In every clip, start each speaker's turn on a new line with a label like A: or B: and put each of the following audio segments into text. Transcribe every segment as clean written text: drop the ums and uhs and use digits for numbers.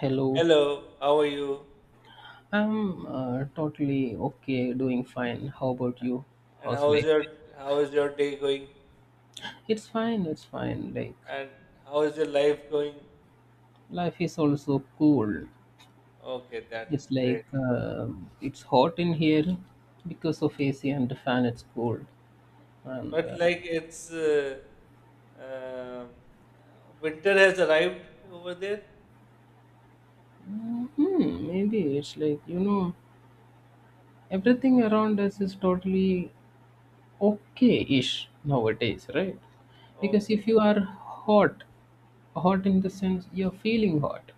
A: Hello,
B: Hello, how are you?
A: I'm totally okay, doing fine. How about you?
B: And
A: How's
B: how is
A: life?
B: your how is your day going?
A: It's fine, it's fine.
B: And how is your life going?
A: Life is also cool.
B: Okay, that
A: It's
B: is
A: like
B: great.
A: uh, it's hot in here because of AC and the fan, it's cold. And
B: But
A: uh,
B: like it's um, winter has arrived over there.
A: maybe it's like, everything around us is totally okay ish nowadays, right? Because
B: Okay,
A: if you are hot, hot in the sense you're feeling hot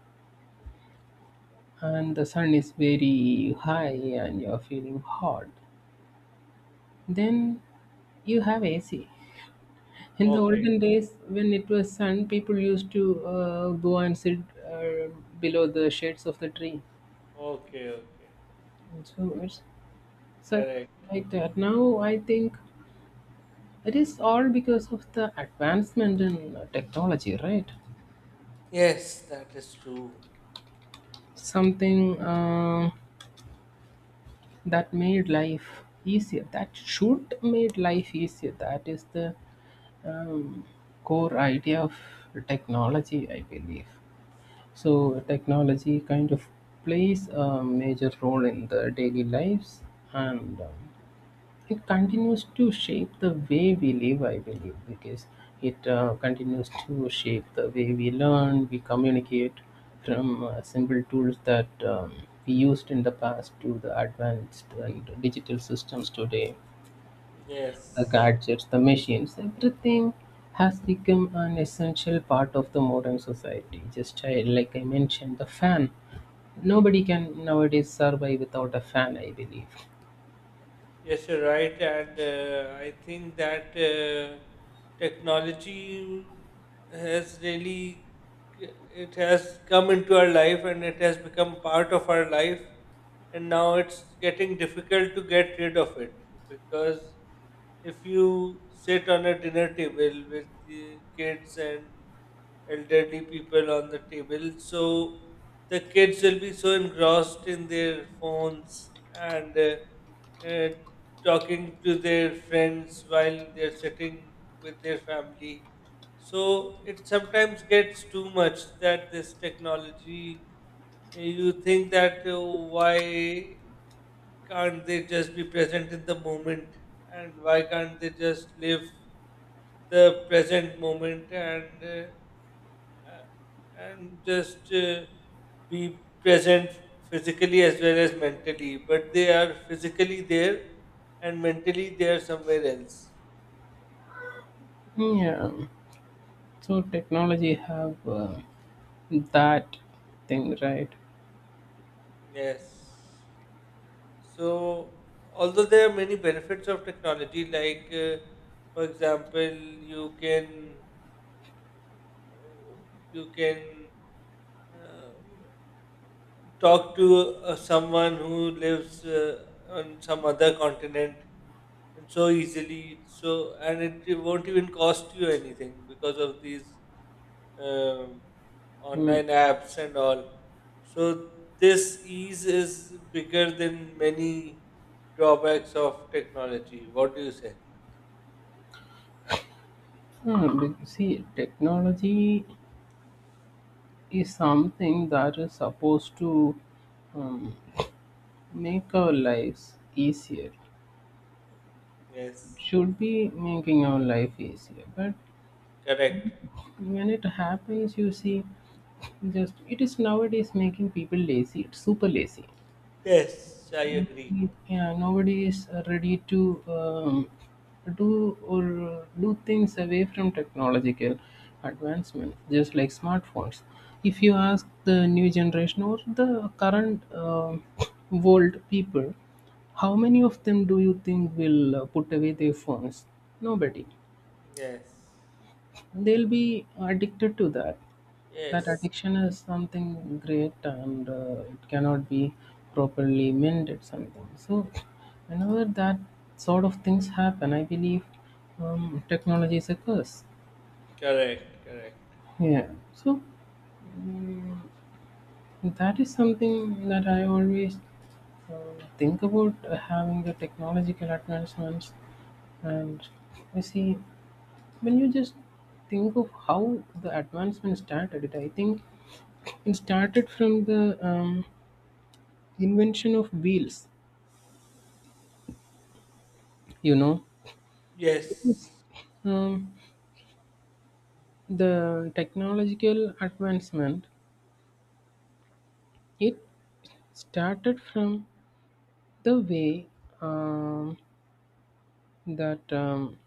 A: and the sun is very high and you're feeling hot, then you have AC. In the
B: okay,
A: olden days, when it was sun, people used to go and sit uh, below the shades of the tree.
B: okay, okay.
A: And so it's such
B: Correct.
A: like that. Now I think it is all because of the advancement in technology, right?
B: Yes, that is true.
A: Something that made life easier. That should made life easier. That is the um, core idea of technology, I believe. So, technology kind of plays a major role in the daily lives and it continues to shape the way we live, I believe, because it continues to shape the way we learn, we communicate from simple tools that we used in the past to the advanced and digital systems today, the
B: Yes.
A: gadgets, the machines, everything has become an essential part of the modern society. Like I mentioned, the fan. Nobody can nowadays survive without a fan, I believe.
B: Yes, you're right, and I think that technology has really it has come into our life and it has become part of our life, and now it's getting difficult to get rid of it because if you sit on a dinner table with the kids and elderly people on the table, so the kids will be so engrossed in their phones and. uh, talking to their friends while they're sitting with their family. So it sometimes gets too much that this technology, you think that oh, why can't they just be present in the moment and why can't they just live the present moment uh, and just be present physically as well as mentally. But they are physically there and mentally they are somewhere else.
A: Yeah. So technology have that thing, right?
B: Yes. So, although there are many benefits of technology, like for example, you can you can uh, talk to someone who lives on some other continent and so easily. So and it won't even cost you anything because of these um,
A: Hmm.
B: online apps and all. So this ease is bigger than many drawbacks of technology. What do you say?
A: See, technology is something that is supposed to um, make our lives easier.
B: Yes,
A: Should be making our life easier, but
B: correct.
A: when it happens you see just it is nowadays making people lazy, it's super lazy.
B: Yes, I agree.
A: Mm, yeah, nobody is ready to do or do things away from technological advancement. Just like smartphones, if you ask the new generation or the current world people, how many of them do you think will put away their phones? Nobody.
B: Yes,
A: They'll be addicted to that. That
B: yes,
A: addiction is something great and it cannot be properly mended. Something, so whenever that sort of things happen, I believe technology is a curse.
B: correct, correct.
A: Yeah. So, mm, that is something that I always uh, think about, having the technological advancements. And you see, when you just think of how the advancement started, it I think it started from the invention of wheels, you know, because
B: Yes,
A: um, the technological advancement, it started from the way um, that um,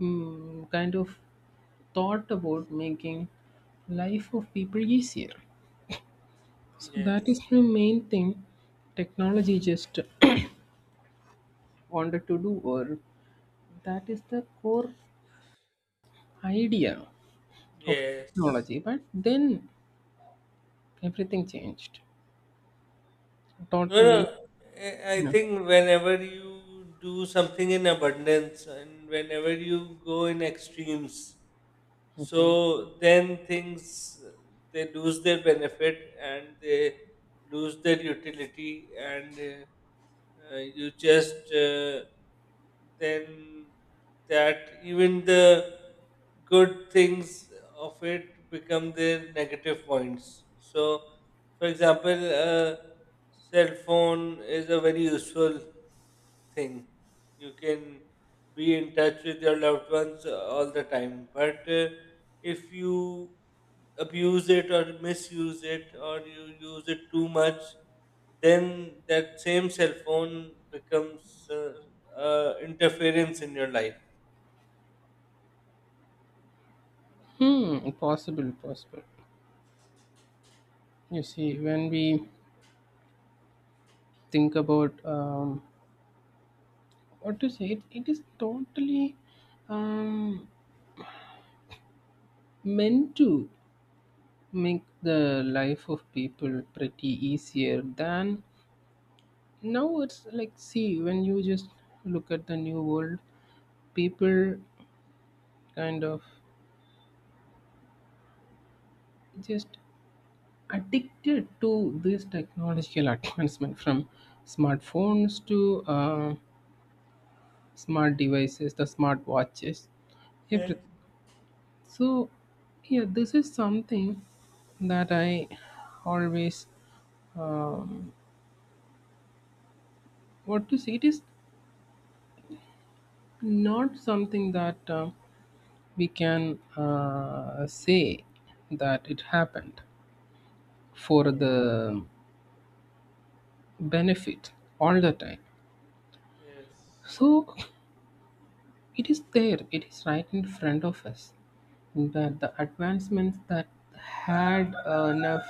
A: kind of thought about making life of people easier. So that
B: yes.
A: is the main thing technology just wanted to do, or that is the core idea of
B: Yes.
A: technology. But then everything changed
B: No, no.
A: totally.
B: I
A: No.
B: think whenever you do something in abundance and whenever you go in extremes, so then things they lose their benefit and they lose their utility, and you just then that even the good things of it become their negative points. So, for example, a cell phone is a very useful thing. You can be in touch with your loved ones all the time. But if you abuse it or misuse it or you use it too much, then that same cell phone becomes interference in your life.
A: Hmm, possible, possible. You see, when we think about what to say, it is totally um, meant to make the life of people pretty easier than now. It's like, see, when you just look at the new world, people kind of just addicted to this technological advancement from smartphones to smart devices, the smart watches, everything.
B: Yeah.
A: So, yeah, this is something that I always um, what to say. It is not something that we can say that it happened for
B: Yeah.
A: the benefit all the time.
B: Yes.
A: So, it is there, it is right in front of us. That the advancements that had enough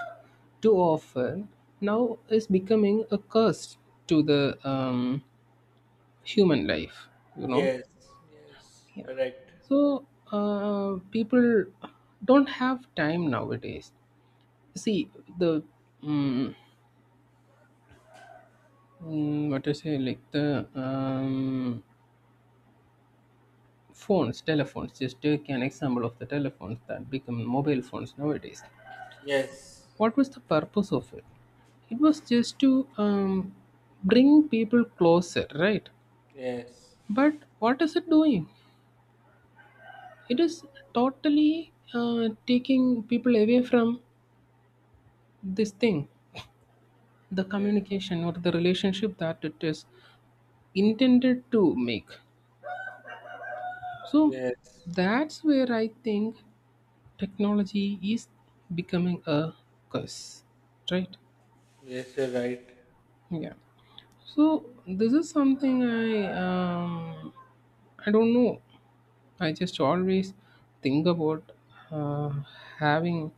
A: to offer now is becoming a curse to the human life, you know.
B: Yes. Yes.
A: Yeah.
B: Correct.
A: So people don't have time nowadays. See, the mm, what I say, like the phones, telephones. Just take an example of the telephones that become mobile phones nowadays.
B: Yes.
A: What was the purpose of it? It was just to bring people closer, right?
B: Yes.
A: But what is it doing? It is totally taking people away from this thing, the
B: Yes.
A: communication or the relationship that it is intended to make. So
B: Yes.
A: that's where I think technology is becoming a curse, right?
B: Yes. You're right.
A: Yeah. So this is something i, um, I don't know, I just always think about, uh, having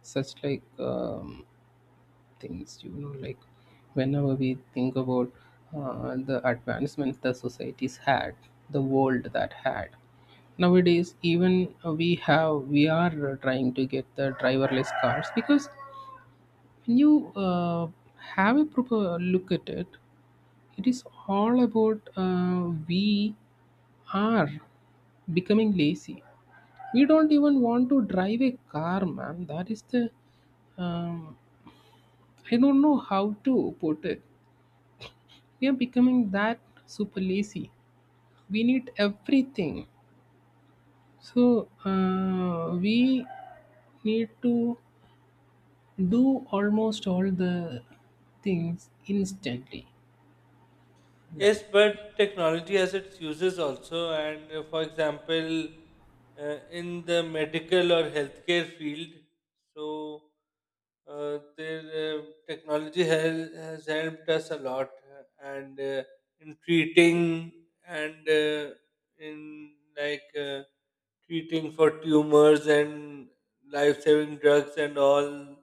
A: such things, you know, like whenever we think about the advancements the societies had, the world that had. Nowadays, even we are trying to get the driverless cars. Because when you have a proper look at it, it is all about we are becoming lazy. We don't even want to drive a car, man. That is the um, I don't know how to put it, we are becoming that super lazy. We need everything. So we need to do almost all the things instantly, right?
B: Yes, but technology has its uses also, and for example, in the medical or healthcare field, so their technology has helped us a lot, and in treating and in like treating for tumors and life-saving drugs and all.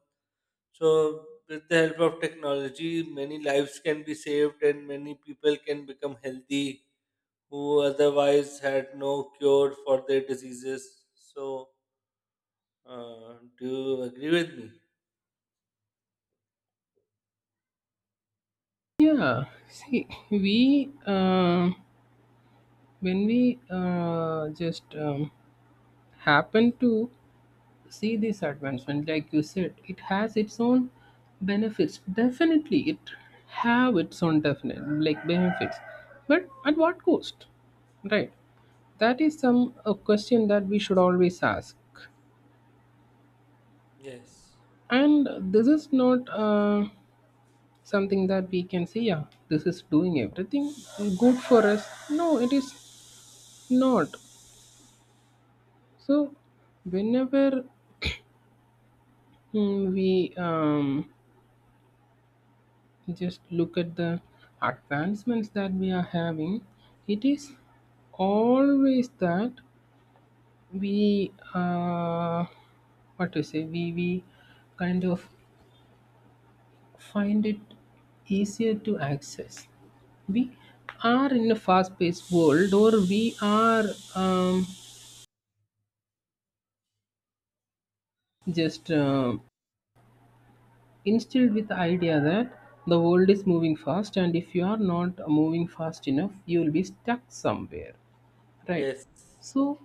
B: So, with the help of technology, many lives can be saved and many people can become healthy who otherwise had no cure for their diseases. So, do you agree with me?
A: Yeah, see, we when we just happen to see this advancement, like you said, it has its own benefits. Definitely it have its own definite like benefits, but at what cost, right? That is some a question that we should always ask.
B: Yes.
A: And this is not something that we can say yeah, this is doing everything good for us. No, it is not. So whenever, mm, we just look at the advancements that we are having. It is always that we, what to say, we kind of find it easier to access. We are in a fast paced world, or we are um, just instilled with the idea that the world is moving fast, and if you are not moving fast enough, you will be stuck somewhere, right?
B: Yes.
A: So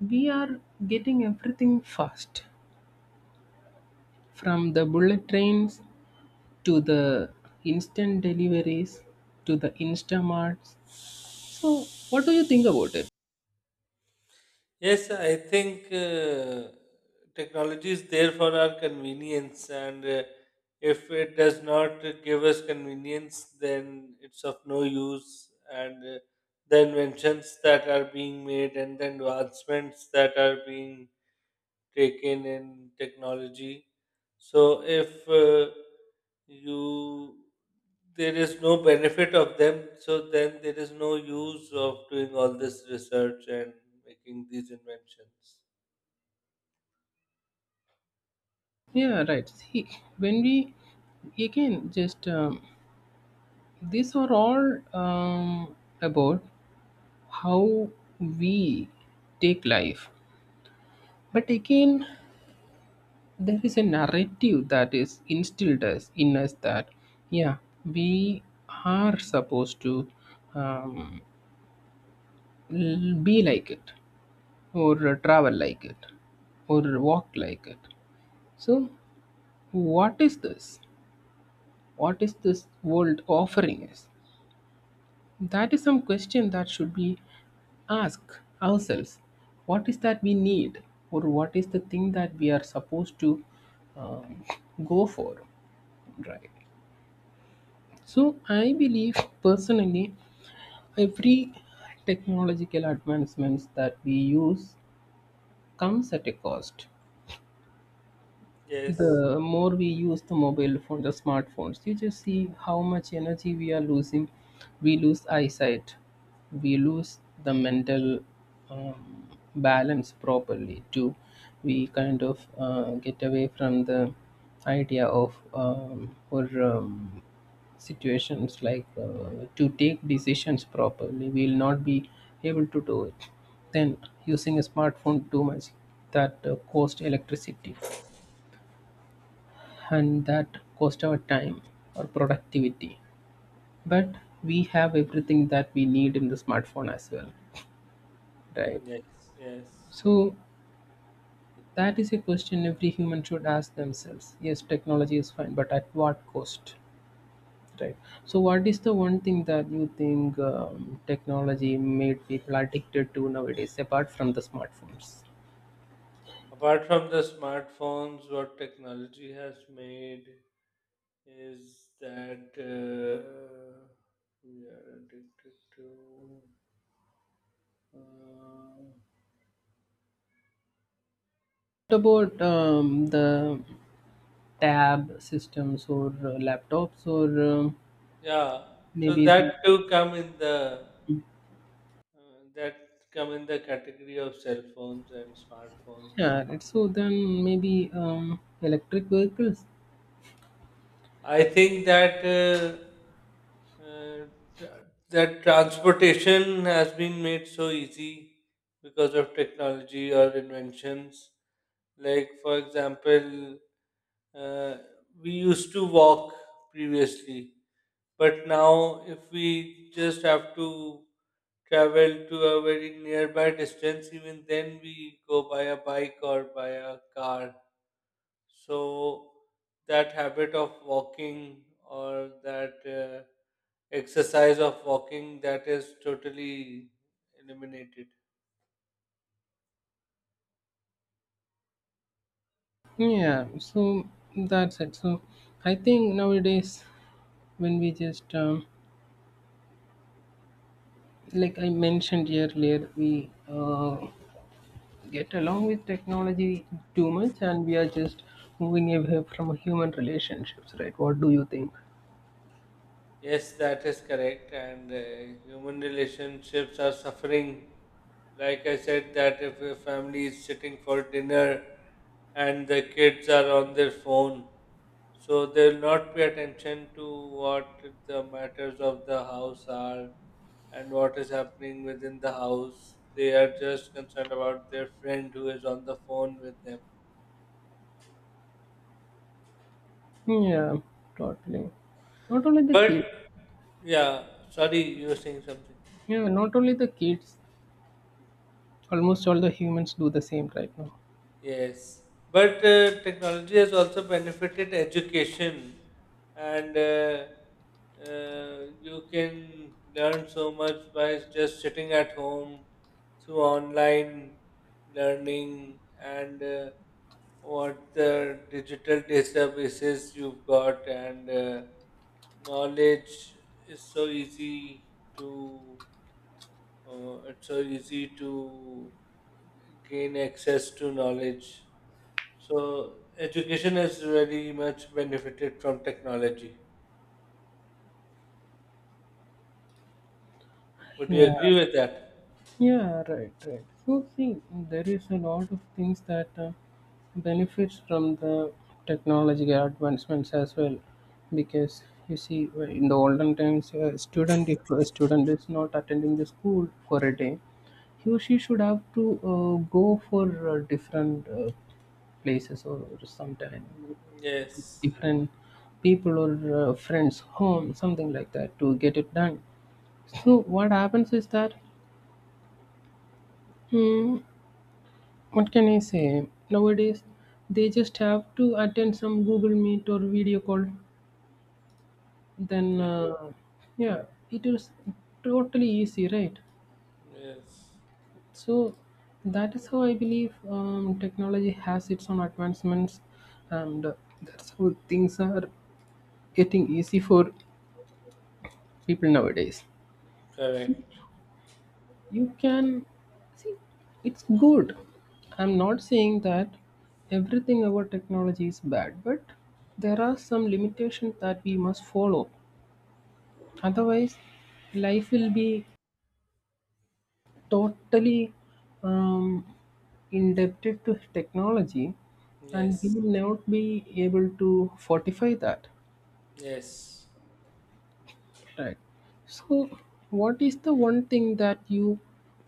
A: we are getting everything fast, from the bullet trains to the instant deliveries to the instamarts. So what do you think about it?
B: Yes, I think technology is there for our convenience, and if it does not give us convenience, then it's of no use. And the inventions that are being made and the advancements that are being taken in technology. So if you there is no benefit of them, so then there is no use of doing all this research and making these inventions.
A: Yeah, right, see, when we again just these are all about how we take life. But again, there is a narrative that is instilled us in us that yeah, we are supposed to um, be like it, or travel like it, or walk like it. So what is this, what is this world offering us? That is some question that should be asked ourselves. What is that we need, or what is the thing that we are supposed to um, go for, right? So I believe personally every technological advancements that we use comes at a cost.
B: Yes.
A: The more we use the mobile phone, the smartphones, you just see how much energy we are losing. We lose eyesight, we lose the mental um, balance properly too. We kind of get away from the idea of or situations like to take decisions properly, we will not be able to do it. Then using a smartphone too much, that cost electricity, and that cost our time or productivity. But we have everything that we need in the smartphone as well, right?
B: Yes. Yes.
A: So that is a question every human should ask themselves. Yes, technology is fine, but at what cost, right? So what is the one thing that you think technology made people addicted to nowadays apart from the smartphones?
B: Apart from the smartphones, what technology has made is that we are addicted to. Uh,
A: What about the tab systems, or laptops, or um,
B: Yeah, so
A: maybe
B: that
A: the,
B: too come in the that come in the category of cell phones and smartphones.
A: yeah, right. So then maybe electric vehicles.
B: I think that tra- that transportation has been made so easy because of technology or inventions. Like for example, uh, we used to walk previously, but now if we just have to travel to a very nearby distance, even then we go by a bike or by a car. So that habit of walking or that exercise of walking that is totally eliminated.
A: Yeah, so that's it. So I think nowadays when we just like I mentioned earlier, we get along with technology too much, and we are just moving away from human relationships, right? What do you think?
B: Yes, that is correct. And human relationships are suffering. Like I said, that if a family is sitting for dinner and the kids are on their phone, so there will not be attention to what the matters of the house are and what is happening within the house. They are just concerned about their friend who is on the phone with them.
A: Yeah, totally. Not only the
B: But
A: kids.
B: yeah, sorry, you were saying something.
A: Yeah, not only the kids. Almost all the humans do the same right now.
B: Yes, but technology has also benefited education, and you can learn so much by just sitting at home through online learning and what the digital databases you've got, and knowledge is so easy to it's so easy to gain access to knowledge. So education has very much benefited from technology. Would you
A: Yeah.
B: agree with that?
A: Yeah, right, right. So see, there is a lot of things that benefits from the technology advancements as well. Because you see, in the olden times, a student if a student is not attending the school for a day, he or she should have to go for different places, or sometime
B: Yes.
A: different people, or friends home, something like that, to get it done. So what happens is that, hmm, what can I say? Nowadays, they just have to attend some Google Meet or video call. Then,
B: Yeah.
A: uh, yeah, it is totally easy, right?
B: Yes.
A: So, that is how I believe technology has its own advancements, and that's how things are getting easy for people nowadays.
B: Correct.
A: You can see it's good, I'm not saying that everything about technology is bad, but there are some limitations that we must follow. Otherwise life will be totally um, indebted to technology, and we
B: Yes.
A: will not be able to fortify that.
B: Yes.
A: Right. So, what is the one thing that you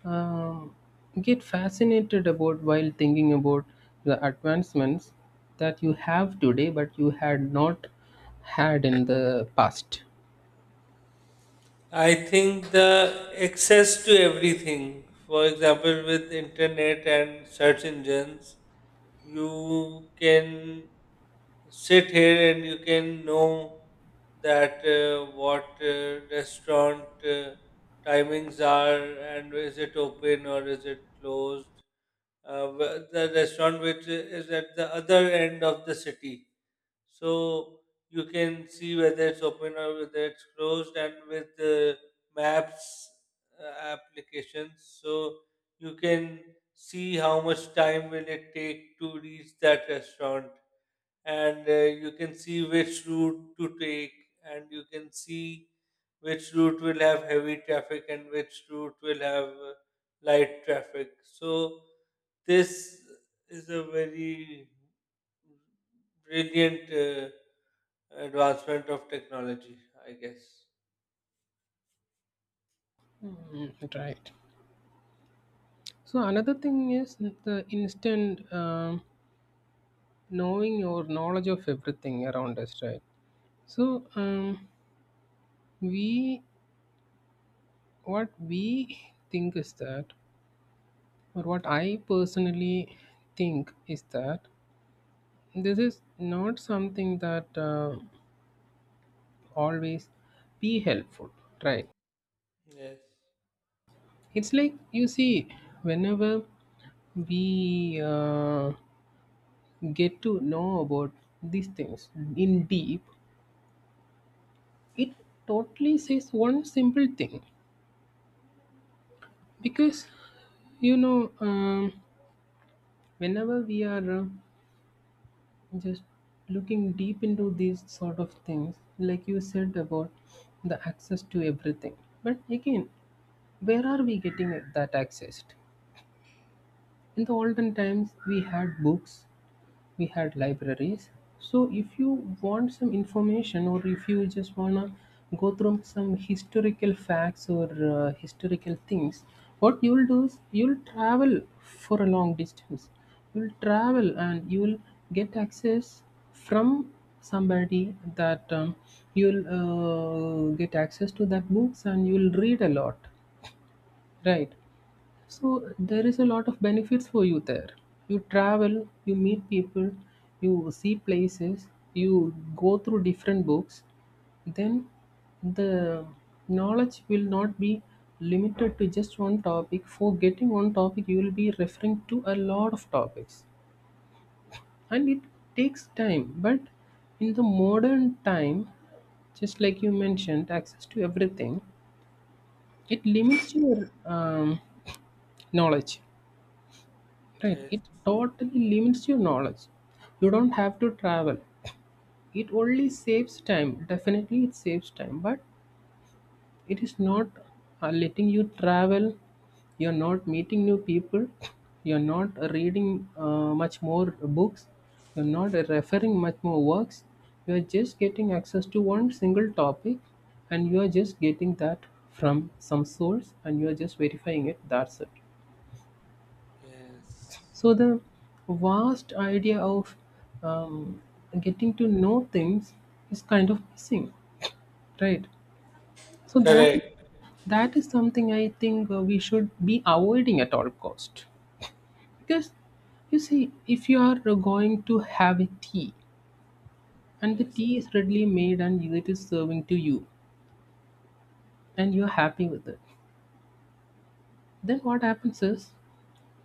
A: um, get fascinated about while thinking about the advancements that you have today, but you had not had in the past?
B: I think the access to everything, for example, with internet and search engines, you can sit here and you can know that what restaurant timings are and is it open or is it closed. The restaurant which is at the other end of the city. So you can see whether it's open or whether it's closed and with the maps applications. So you can see how much time will it take to reach that restaurant and you can see which route to take and you can see which route will have heavy traffic and which route will have light traffic. So this is a very brilliant advancement of technology, I guess.
A: Mm, right. So, another thing is the instant knowing or knowledge of everything around us, right? So, we what we think is that, but what I personally think is that this is not something that always be helpful, right?
B: Yes.
A: It's like, you see, whenever we get to know about these things in deep, it totally says one simple thing, because you know, um, whenever we are just looking deep into these sort of things, like you said, about the access to everything. But again, where are we getting that access? In the olden times, we had books, we had libraries. So if you want some information, or if you just want to go through some historical facts or historical things, what you'll do is you'll travel for a long distance. You'll travel and you'll get access from somebody that, you'll get access to that books and you'll read a lot, right? So there is a lot of benefits for you there. You travel, you meet people, you see places, you go through different books. Then the knowledge will not be limited to just one topic. For getting one topic, you will be referring to a lot of topics. And it takes time. But in the modern time, just like you mentioned, access to everything, it limits your knowledge. Right,
B: Yes.
A: it totally limits your knowledge. You don't have to travel. It only saves time. Definitely, it saves time, but it is not letting you travel. You're not meeting new people. You're not reading much more books. You're not referring much more works. You're just getting access to one single topic, and you're just getting that from some source, and you're just verifying it. That's it.
B: Yes.
A: So the vast idea of um, getting to know things is kind of missing, right? So
B: Correct.
A: that is something I think we should be avoiding at all cost. Because, you see, if you are going to have a tea and the
B: Yes.
A: tea is readily made and it is serving to you, and you're happy with it, then what happens is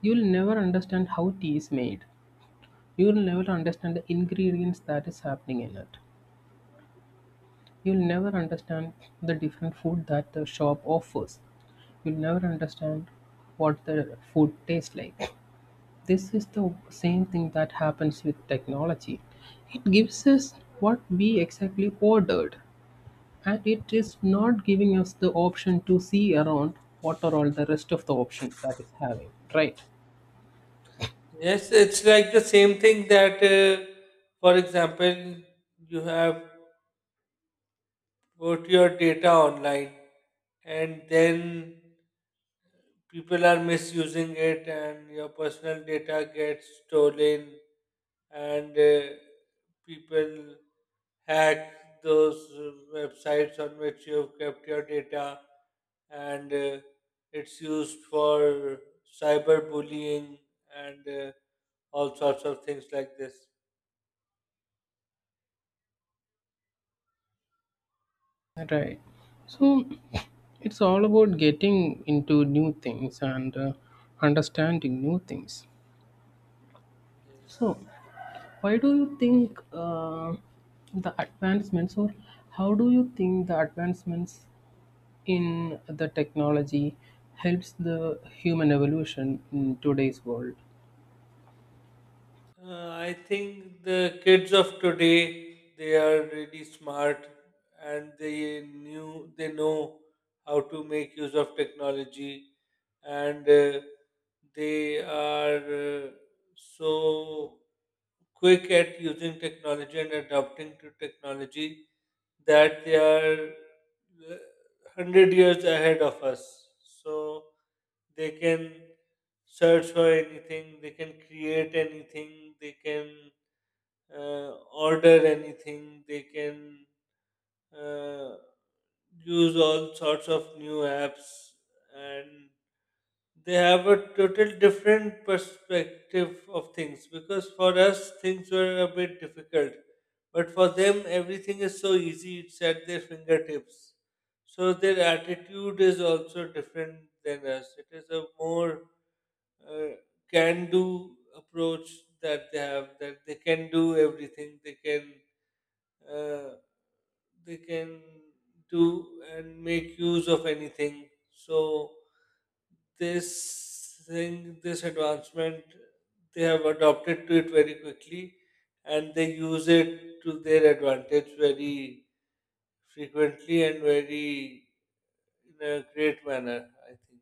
A: you'll never understand how tea is made. You'll never understand the ingredients that is happening in it. You'll never understand the different food that the shop offers. You'll never understand what the food tastes like. This is the same thing that happens with technology. It gives us what we exactly ordered, and it is not giving us the option to see around what are all the rest of the options that is having, right?
B: Yes, it's like the same thing that, for example, you have put your data online and then people are misusing it and your personal data gets stolen and people hack those websites on which you've kept your data and it's used for cyberbullying and all sorts of things like this.
A: Right. So it's all about getting into new things and understanding new things. So,
B: Yes.
A: why do you think the advancements, or how do you think the advancements in the technology helps the human evolution in today's world?
B: I think the kids of today they are really smart and they know how to make use of technology and they are so quick at using technology and adapting to technology that they are uh, 100 years ahead of us. So they can search for anything, they can create anything, they can order anything. They can uh, use all sorts of new apps, and they have a total different perspective of things. Because for us, things were a bit difficult, but for them, everything is so easy. It's at their fingertips. So their attitude is also different than us. It is a more uh, can-do approach that they have. That they can do everything. Uh, they can do and make use of anything. So this thing, this advancement, they have adopted to it very quickly, and they use it to their advantage very frequently and very in a great manner, I think.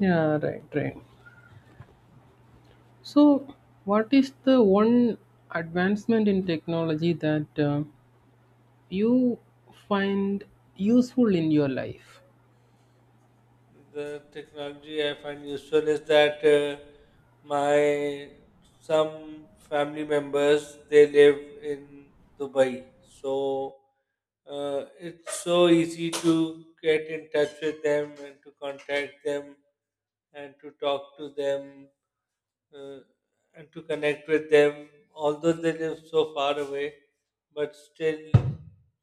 A: Yeah, right, right. So, what is the one advancement in technology that you find useful in your life?
B: The technology I find useful is that my some family members they live in Dubai, so it's so easy to get in touch with them and to contact them and to talk to them uh, and to connect with them, although they live so far away, but still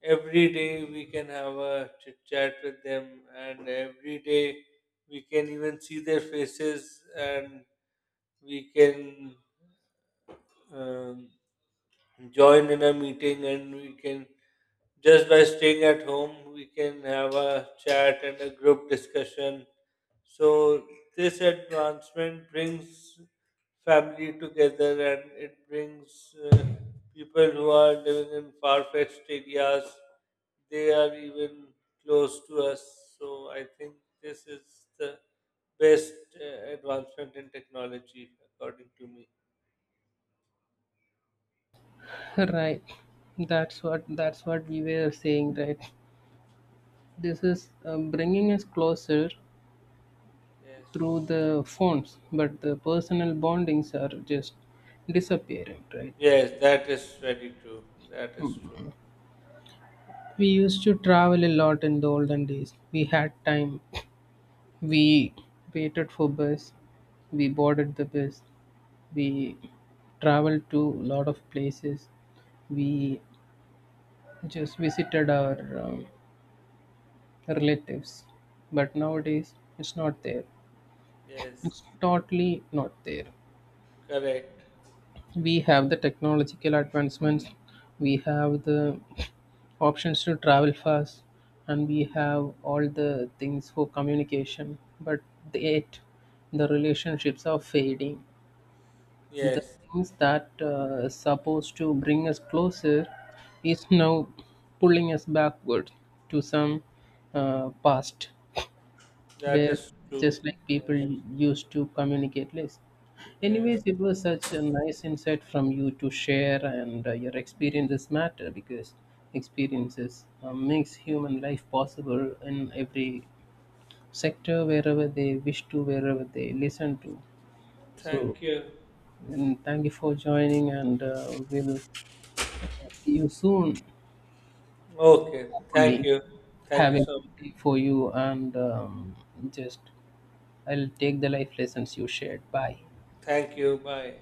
B: every day we can have a chit chat with them, and every day we can even see their faces and we can um, join in a meeting and we can just by staying at home we can have a chat and a group discussion. So this advancement brings family together and it brings people who are living in far-fetched areas they are even close to us. So I think this is the best advancement in technology, according to me.
A: Right. That's what we were saying, right? This is bringing us closer through
B: Yes.
A: the phones, but the personal bondings are just disappearing, right?
B: Yes, that is very true. That is true.
A: We used to travel a lot. In the olden days, we had time. We waited for bus, we boarded the bus, we traveled to a lot of places, we just visited our um, relatives. But nowadays, it's not there, it's
B: Yes,
A: totally not there.
B: correct.
A: We have the technological advancements, we have the options to travel fast, and we have all the things for communication, but yet the relationships are fading. The
B: Yes,
A: things that supposed to bring us closer is now pulling us backward to some past,
B: that
A: where
B: is
A: just
B: true.
A: like people
B: Yes,
A: used to communicate less.
B: yes.
A: Anyways, it was such a nice insight from you to share, and your experiences matter, because experiences makes human life possible in every sector, wherever they wish to, wherever they listen to. So,
B: Thank you.
A: and thank you for joining, and we'll uh, see you soon.
B: Okay, thank
A: Hopefully,
B: you. Thank
A: have
B: you
A: a
B: so much.
A: good day for you, and just I'll take the life lessons you shared. Bye.
B: Thank you. Bye.